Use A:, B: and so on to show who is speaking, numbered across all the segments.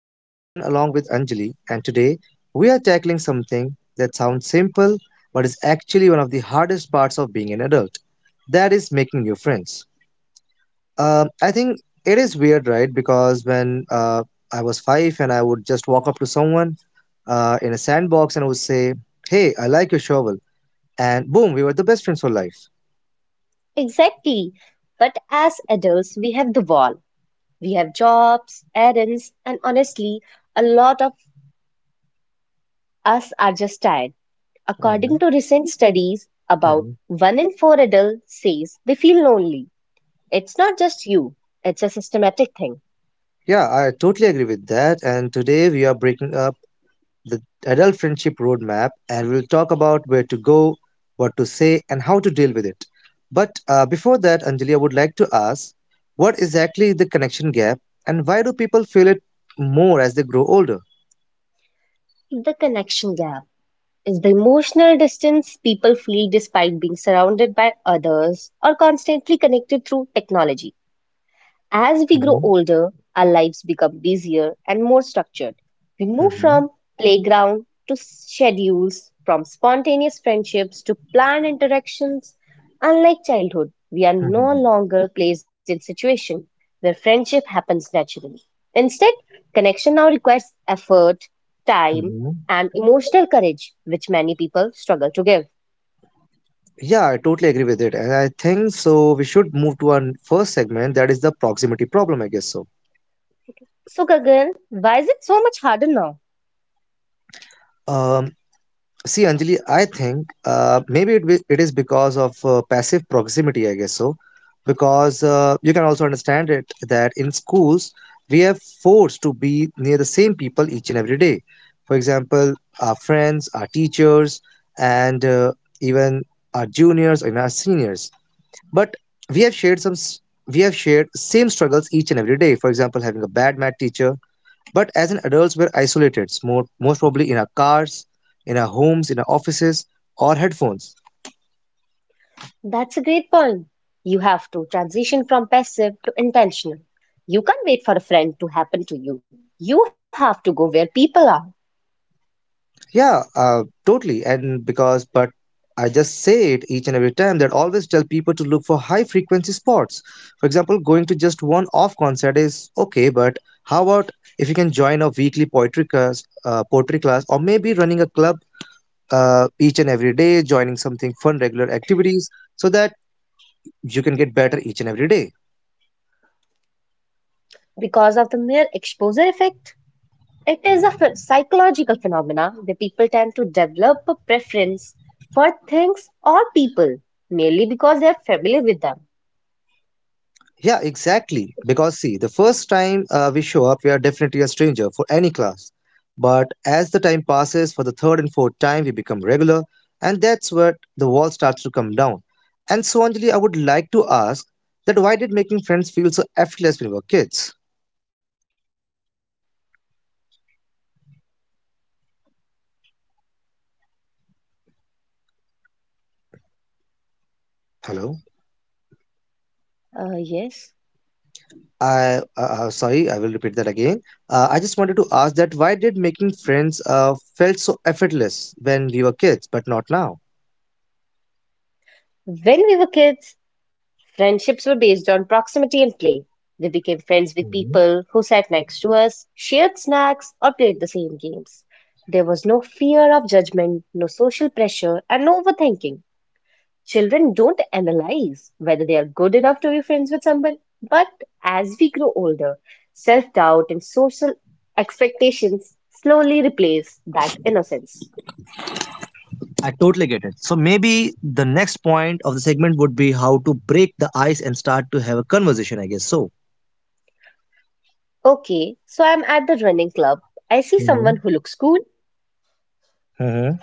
A: I'm Gagan along with Anjali, and today we are tackling something that sounds simple but is actually one of the hardest parts of being an adult that is, making new friends. I think it is weird, right? Because when I was five and I would just walk up to someone in a sandbox and I would say, Hey, I like your shovel. And boom, we were the best friends for life.
B: Exactly. But as adults, we have the wall. We have jobs, errands, and honestly, a lot of us are just tired. According
A: Mhm,
B: to recent studies, about
A: mhm.
B: one in four adults says they feel lonely. It's not just you, it's a systematic thing.
A: Yeah, I totally agree with that. And today we are breaking up the Adult Friendship Roadmap, and we'll talk about where to go, what to say, and how to deal with it. But before that, Anjali, I would like to ask what exactly is the connection gap, and why do people feel it more as they grow older?
B: The connection gap is the emotional distance people feel despite being surrounded by others or constantly connected through technology. As we grow
A: Mhm,
B: older, our lives become busier and more structured. We move
A: mhm,
B: from playground to schedules, from spontaneous friendships to planned interactions. Unlike childhood, we are no
A: mhm,
B: longer placed in situations where friendship happens naturally. Instead, connection now requires effort, time,
A: mhm.
B: and emotional courage, which many people struggle to give.
A: Yeah, I totally agree with it. And I think so. We should move to our first segment that is the proximity problem, I guess so.
B: So, Gagan, why is it so much harder now?
A: Um, See, Anjali, I think maybe it is because of passive proximity, I guess so. Because you can also understand it that in schools, we are forced to be near the same people each and every day. For example, our friends, our teachers, and even our juniors and our seniors. But we have shared some s- we have shared same struggles each and every day. For example, having a bad math teacher, but as an adults, we're isolated, more, most probably in our cars, in our homes, in our offices, or headphones.
B: That's a great point. You have to transition from passive to intentional. You can't wait for a friend to happen to you. You have to go where people are.
A: Yeah, totally. And because, but I just say it each and every time that always tell people to look for high frequency spots. For example, going to just one off concert is okay, but how about if you can join a weekly poetry class, or maybe running a club each and every day, joining something fun, regular activities, so that you can get better each and every day.
B: Because of the mere exposure effect, it is a psychological phenomena where people tend to develop a preference for things or people merely because they are familiar with them.
A: Yeah, exactly. Because see, the first time we show up, we are definitely a stranger for any class. But as the time passes, for the third and fourth time, we become regular, and that's where the wall starts to come down. And so, Anjali, I would like to ask that why did making friends feel so effortless when we were kids? Hello.
B: Yes.
A: I sorry, I will repeat that again. I just wanted to ask that why did making friends felt so effortless when we were kids, but not now?
B: When we were kids, friendships were based on proximity and play. We became friends with people who sat next to us, shared snacks, or played the same games. There was no fear of judgment, no social pressure, and no overthinking. Children don't analyze whether they are good enough to be friends with someone. But as we grow older, self doubt and social expectations slowly replace that innocence.
A: I totally get it. So maybe the next point of the segment would be how to break the ice and start to have a conversation, I guess. So.
B: Okay, so I'm at the running club. I see
A: Mhm.
B: someone who looks cool.
A: Mhm.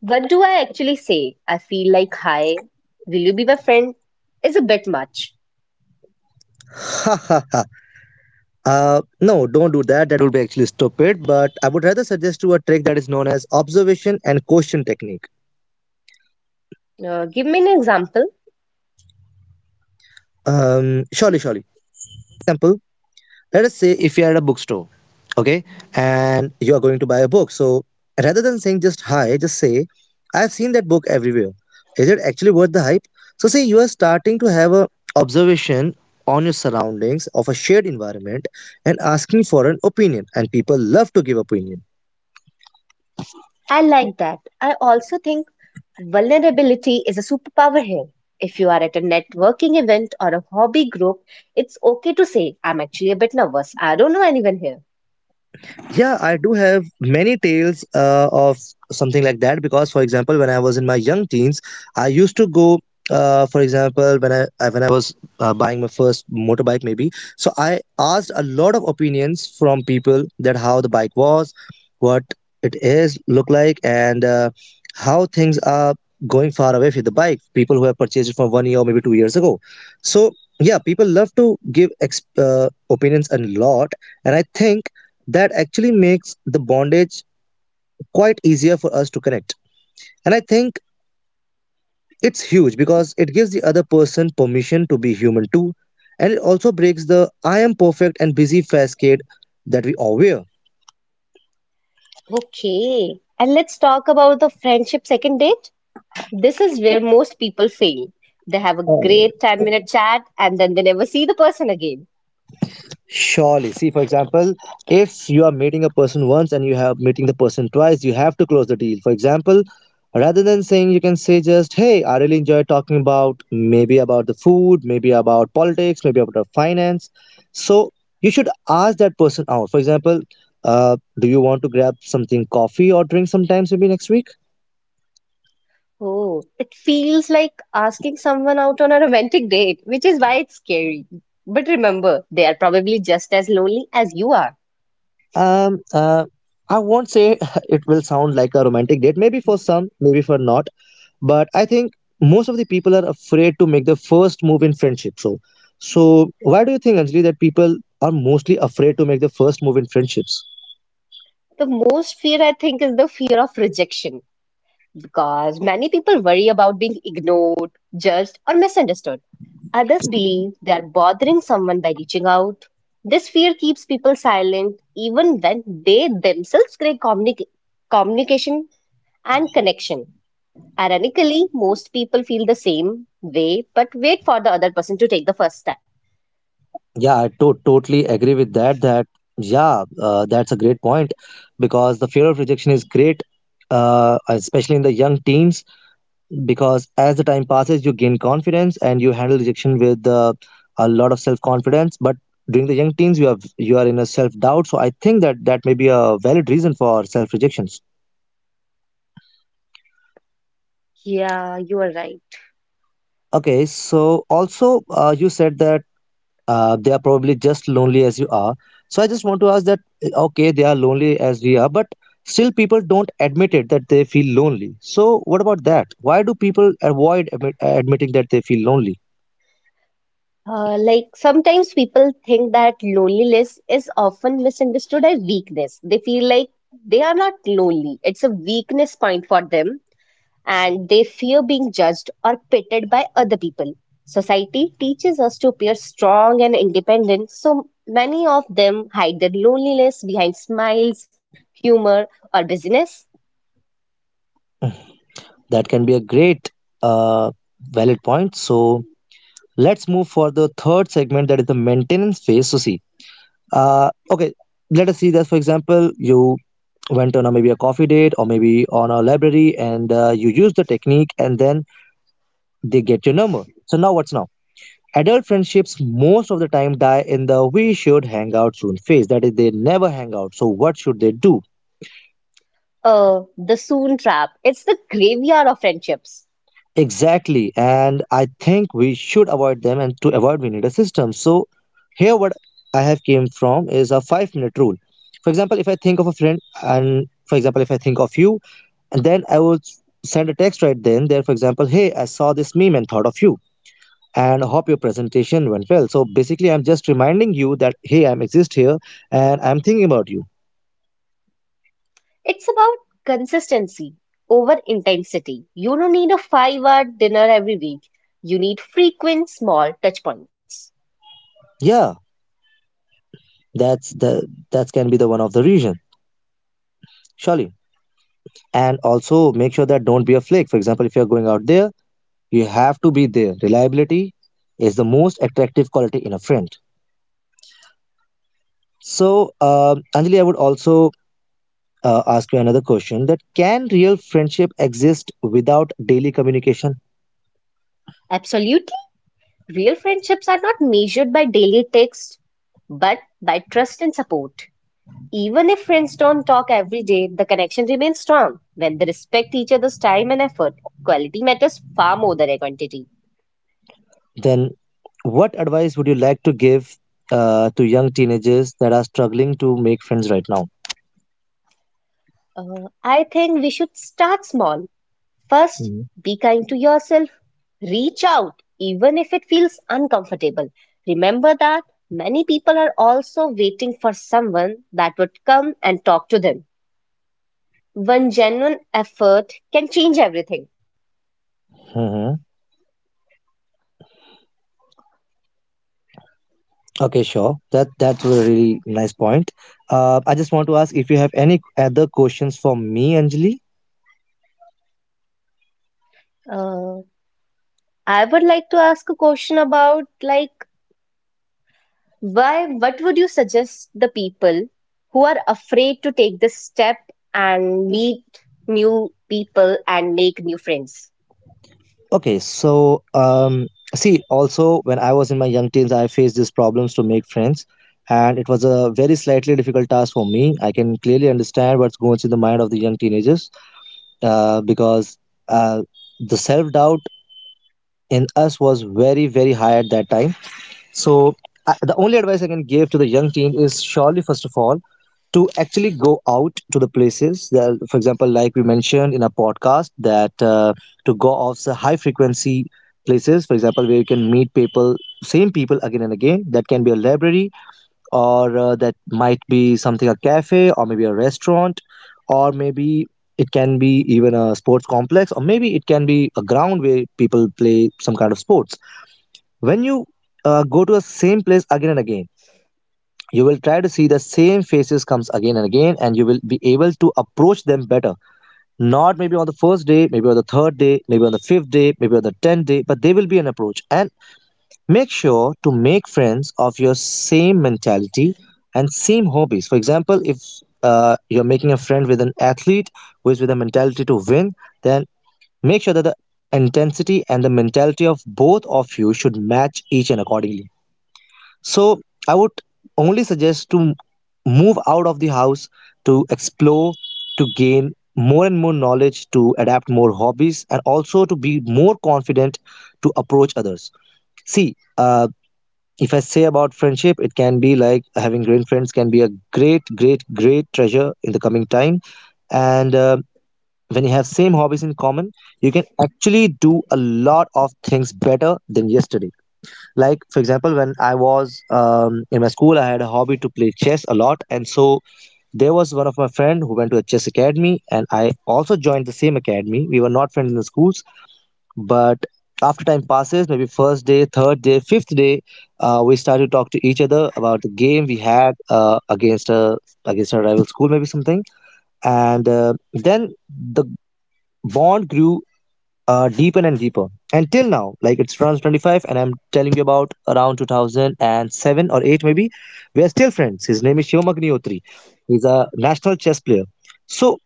B: What do I actually say? I feel like, hi, will you be my friend? Is a bit much.
A: No, don't do that. That would be actually stupid. But I would rather suggest you a trick that is known as observation and question technique.
B: Give me an example.
A: Surely. Example, let us say if you're at a bookstore, okay, and you are going to buy a book, so rather than saying just hi, just say, I've seen that book everywhere, is it actually worth the hype? So say you are starting to have a observation on your surroundings of a shared environment and asking for an opinion, and people love to give opinions.
B: I like that. I also think vulnerability is a superpower here. If you are at a networking event or a hobby group, it's okay to say, I'm actually a bit nervous. I don't know anyone here.
A: Yeah, I do have many tales of something like that because, for example, when I was in my young teens, I used to go. For example, when I was buying my first motorbike, maybe so I asked a lot of opinions from people that how the bike was, what it is look like, and how things are going far away with the bike. People who have purchased it for 1 year or maybe 2 years ago. So yeah, people love to give opinions a lot, and I think that actually makes the bondage quite easier for us to connect. And I think it's huge because it gives the other person permission to be human too. And it also breaks the I am perfect and busy facade that we all wear.
B: Okay, and let's talk about the friendship second date. This is where most people fail. They have a great 10-minute chat and then they never see the person again.
A: Surely. See, for example, if you are meeting a person once and you have meeting the person twice, you have to close the deal. For example, rather than saying you can say just, hey, I really enjoy talking about maybe about the food, maybe about politics, maybe about our finance. So you should ask that person out. For example, do you want to grab something coffee or drink sometimes maybe next week?
B: Oh, it feels like asking someone out on a romantic date, which is why it's scary. But remember, they are probably just as lonely as you are.
A: Um uh I won't say it will sound like a romantic date. Maybe for some, maybe for not. But I think most of the people are afraid to make the first move in friendship. So so why do you think, Anjali, that people are mostly afraid to make the first move in friendships?
B: The most fear I think is the fear of rejection, because many people worry about being ignored, judged, or misunderstood. Others believe they are bothering someone by reaching out. This fear keeps people silent even when they themselves crave communication and connection. Ironically, most people feel the same way but wait for the other person to take the first step.
A: Yeah, I totally agree with that, yeah, that's a great point because the fear of rejection is great, especially in the young teens because as the time passes you gain confidence and you handle rejection with a lot of self confidence, but during the young teens you are in a self doubt. So I think that may be a valid reason for self rejection.
B: Yeah, you are right.
A: Okay, so also you said that they are probably just lonely as you are. So I just want to ask that, okay, they are lonely as we are, but still people don't admit it that they feel lonely. So what about that? Why do people avoid admitting that they feel lonely?
B: Like sometimes people think that loneliness is often misunderstood as weakness. They feel like they are not lonely. It's a weakness point for them, and they fear being judged or pitted by other people. Society teaches us to appear strong and independent, so many of them hide their loneliness behind smiles, humor, or busyness.
A: That can be a great uh, valid point. So let's move for the third segment that is the maintenance phase. So see, okay, let us see that for example, you went on a maybe a coffee date or maybe on a library and you use the technique and then they get your number. So now what's now adult friendships most of the time die in the we should hang out soon phase, that is they never hang out. So what should they do?
B: The soon trap. It's the graveyard of friendships.
A: Exactly, and I think we should avoid them, and to avoid we need a system. So here what I have came from is a 5-minute rule. For example, if I think of a friend, and for example if I think of you, and then send a text right then there. For example, hey, I saw this meme and thought of you, and hope your presentation went well. So basically, I'm just reminding you that hey, I'm exist here and I'm thinking about you.
B: It's about consistency over intensity. You don't need a 5 hour dinner every week. You need frequent small touch points.
A: Yeah, that can be the one of the reason, surely. And also make sure that don't be a flake. For example, if you're going out there, you have to be there. Reliability is the most attractive quality in a friend. So, um, Anjali, I would also ask you another question, that can real friendship exist without daily communication?
B: Absolutely. Real friendships are not measured by daily text, but by trust and support. Even if friends don't talk every day, the connection remains strong when they respect each other's time and effort. Quality matters far more than a quantity.
A: Then what advice would you like to give to young teenagers that are struggling to make friends right now?
B: I think we should start small. First, be kind to yourself. Reach out, even if it feels uncomfortable. Remember that many people are also waiting for someone that would come and talk to them. One genuine effort can change everything.
A: Mm-hmm. Okay, sure, that's a really nice point. I just want to ask if you have any other questions for me, Anjali.
B: Uh, I would like to ask a question about like why what would you suggest the people who are afraid to take this step and meet new people and make new friends?
A: Okay, so see, also when I was in my young teens, I faced these problems to make friends, and it was a very slightly difficult task for me. I can clearly understand what's going in the mind of the young teenagers because uh, the self doubt in us was very, very high at that time. So, I the only advice I can give to the young teen is surely, first of all, to actually go out to the places that, for example, like we mentioned in a podcast, that to go off the high frequency places, for example, where you can meet people, same people again and again. That can be a library, or that might be something a cafe, or maybe a restaurant, or maybe it can be even a sports complex, or maybe it can be a ground where people play some kind of sports. When you go to the same place again and again, you will try to see the same faces comes again and again, and you will be able to approach them better, not maybe on the first day, maybe on the third day, maybe on the fifth day, maybe on the tenth day, but there will be an approach. And make sure to make friends of your same mentality and same hobbies. For example, if you're making a friend with an athlete who is with a mentality to win, then make sure that the intensity and the mentality of both of you should match each and accordingly. So I would only suggest to move out of the house, to explore, to gain more and more knowledge, to adapt more hobbies, and also to be more confident to approach others. See, if I say about friendship, it can be like having great friends can be a great, great, great treasure in the coming time. And when you have same hobbies in common, you can actually do a lot of things better than yesterday. Like, for example, when I was in my school, I had a hobby to play chess a lot. And so there was one of my friend who went to a chess academy, and I also joined the same academy. We were not friends in the schools, but after time passes, maybe first day, third day, fifth day, we started to talk to each other about the game we had against a against a rival school, maybe something. And then the bond grew deeper and deeper. Until now, like it's France 25, and I'm telling you about around 2007 or 8, maybe. We are still friends. His name is Shivam Agnihotri. He's a national chess player. So,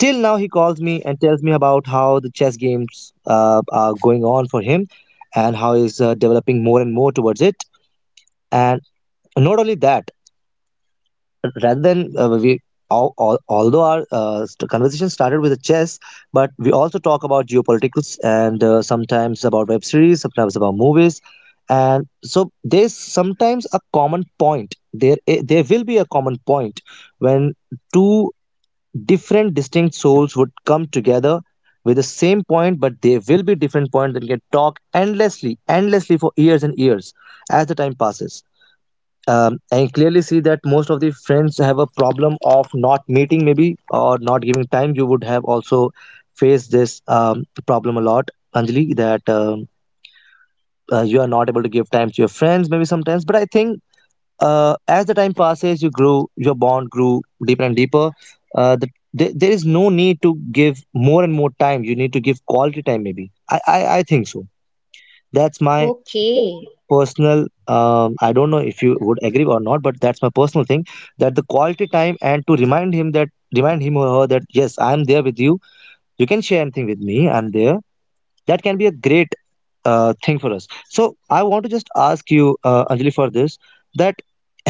A: till now, he calls me and tells me about how the chess games are going on for him, and how he's developing more and more towards it. And not only that, rather than we although our conversation started with a chess, but we also talk about geopolitics and sometimes about web series, sometimes about movies. And so there's sometimes a common point. There there will be a common point when two different distinct souls would come together with the same point, but there will be different points that can talk endlessly for years and years, as the time passes. And clearly see that most of the friends have a problem of not meeting maybe, or not giving time. You would have also faced this problem a lot, Anjali, that you are not able to give time to your friends maybe sometimes, but I think as the time passes, you grew, your bond grew deeper and deeper. uh, the, there is no need to give more and more time. You need to give quality time, maybe. I think so. That's my
B: Okay,
A: personal. I don't know if you would agree or not, but that's my personal thing, that the quality time, and to remind him that, remind him or her that, yes, I'm there with you, you can share anything with me, I'm there. That can be a great thing for us. So I want to just ask you, Anjali, for this, that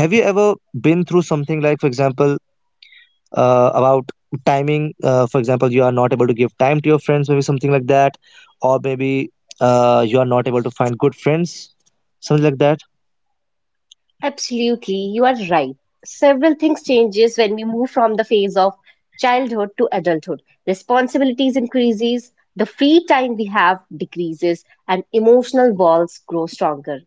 A: have you ever been through something, like, for example, about timing, for example, you are not able to give time to your friends, maybe something like that, or maybe you are not able to find good friends, something like
B: absolutely, you are right. Several things changes when we move from the phase of childhood to adulthood. Responsibilities increases, the free time we have decreases, and emotional walls grow stronger.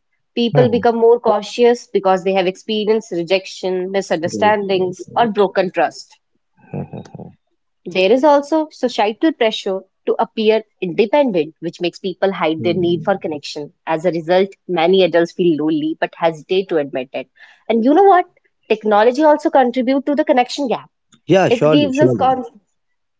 A: that.
B: People become more cautious because they have experienced rejection,
A: Right, right,
B: misunderstandings, or
A: right.
B: broken trust.
A: Mhm.
B: There is also societal pressure to appear independent, which makes people hide their need
A: Hmm.
B: for connection. As a result, many adults feel lonely but hesitate to admit it. And you know what? Technology also contributes to the connection gap.
A: Yeah,
B: It
A: surely,
B: gives us
A: surely.
B: con-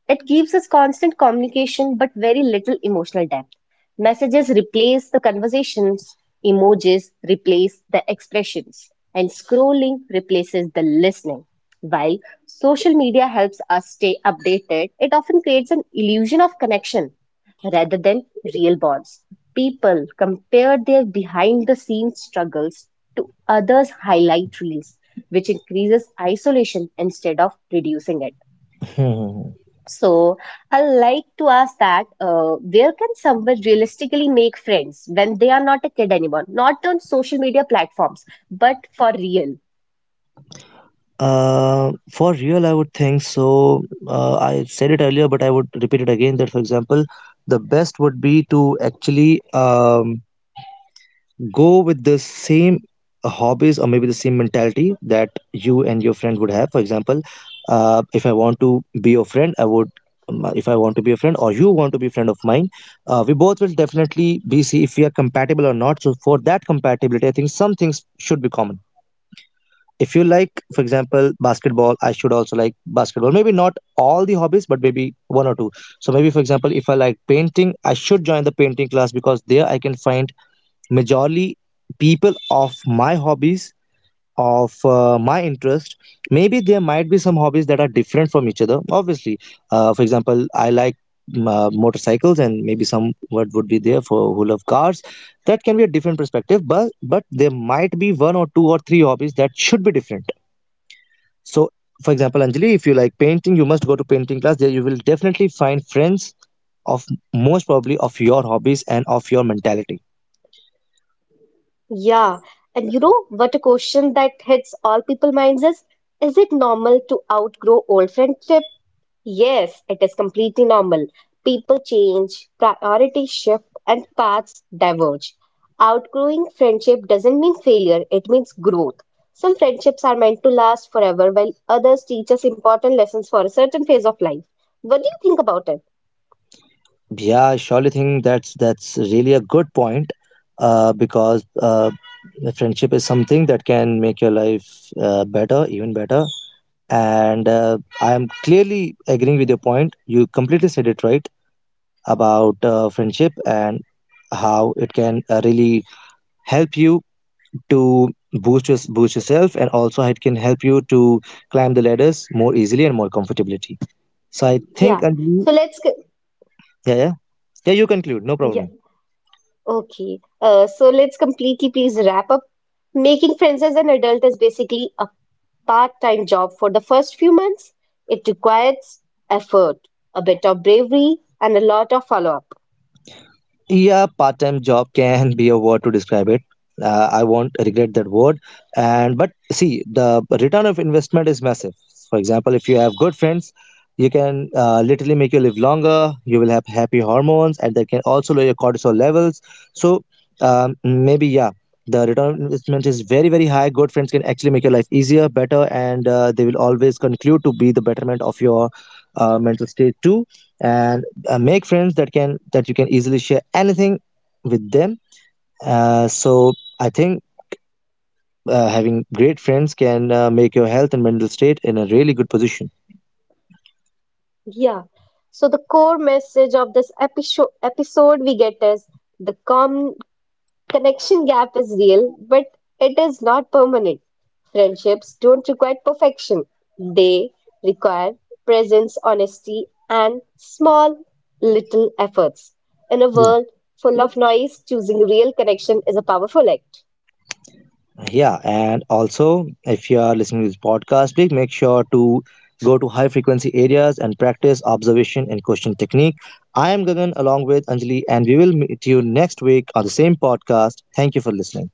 B: it gives us constant communication but very little emotional depth. Messages replace the conversations, emojis replace the expressions, and scrolling replaces the listening. While social media helps us stay updated, it often creates an illusion of connection rather than real bonds. People compare their behind the scenes struggles to others' highlight reels, which increases isolation instead of reducing it.
A: Mhm.
B: So I like to ask that where can someone realistically make friends when they are not a kid anymore? Not on social media platforms, but for real.
A: Uh, for real, I would think so. I said it earlier, but I would repeat it again that, for example, the best would be to actually um, go with the same hobbies, or maybe the same mentality that you and your friend would have. For example, if I want to be your friend, I would. If I want to be a friend, or you want to be a friend of mine, we both will definitely be see if we are compatible or not. So for that compatibility, I think some things should be common. If you like, for example, basketball, I should also like basketball, maybe not all the hobbies, but maybe one or two. So maybe, for example, if I like painting, I should join the painting class, because there I can find majorly people of my hobbies, of my interest. Maybe there might be some hobbies that are different from each other, obviously. For example, I like motorcycles, and maybe some what would be there for who love cars. That can be a different perspective, but there might be one or two or three hobbies that should be different. So, for example, Anjali, if you like painting, you must go to painting class. There you will definitely find friends of, most probably, of your hobbies and of your mentality.
B: Yeah, and you know what a question that hits all people minds is it normal to outgrow old friendship? Yes, it is completely normal. People change, priorities shift, and paths diverge. Outgrowing friendship doesn't mean failure, it means growth. Some friendships are meant to last forever, while others teach us important lessons for a certain phase of life. What do you think about it?
A: Yeah, I surely think that's really a good point, because friendship is something that can make your life better, even better. And I am clearly agreeing with your point. You completely said it right about friendship, and how it can really help you to boost yourself, and also it can help you to climb the ladders more easily and more comfortably. So I think,
B: Yeah.
A: Anjali,
B: So let's get,
A: yeah, yeah, yeah. You conclude, no
B: yeah.
A: problem.
B: Okay, so let's completely please wrap up. Making friends as an adult is basically a part-time job for the first few months. It requires effort, a bit of bravery, and a lot of follow-up.
A: Yeah, part-time job can be a word to describe it. I won't regret that word. And but see, the return of investment is massive. For example, if you have good friends, you can literally make you live longer. You will have happy hormones, and that can also lower your cortisol levels. So maybe, yeah, the return on investment is very, very high. Good friends can actually make your life easier, better, and they will always conclude to be the betterment of your mental state too. And make friends that you can easily share anything with them. So I think, having great friends can make your health and mental state in a really good position.
B: Yeah. So the core message of this episode we get is the com connection gap is real, but it is not permanent. Friendships don't require perfection, they require presence, honesty, and small little efforts. In a
A: Yeah.
B: world full of noise, choosing real connection is a powerful act.
A: Yeah, and also, if you are listening to this podcast, please make sure to go to high frequency areas and practice observation and question technique. I am Gagan along with Anjali, and we will meet you next week on the same podcast. Thank you for listening.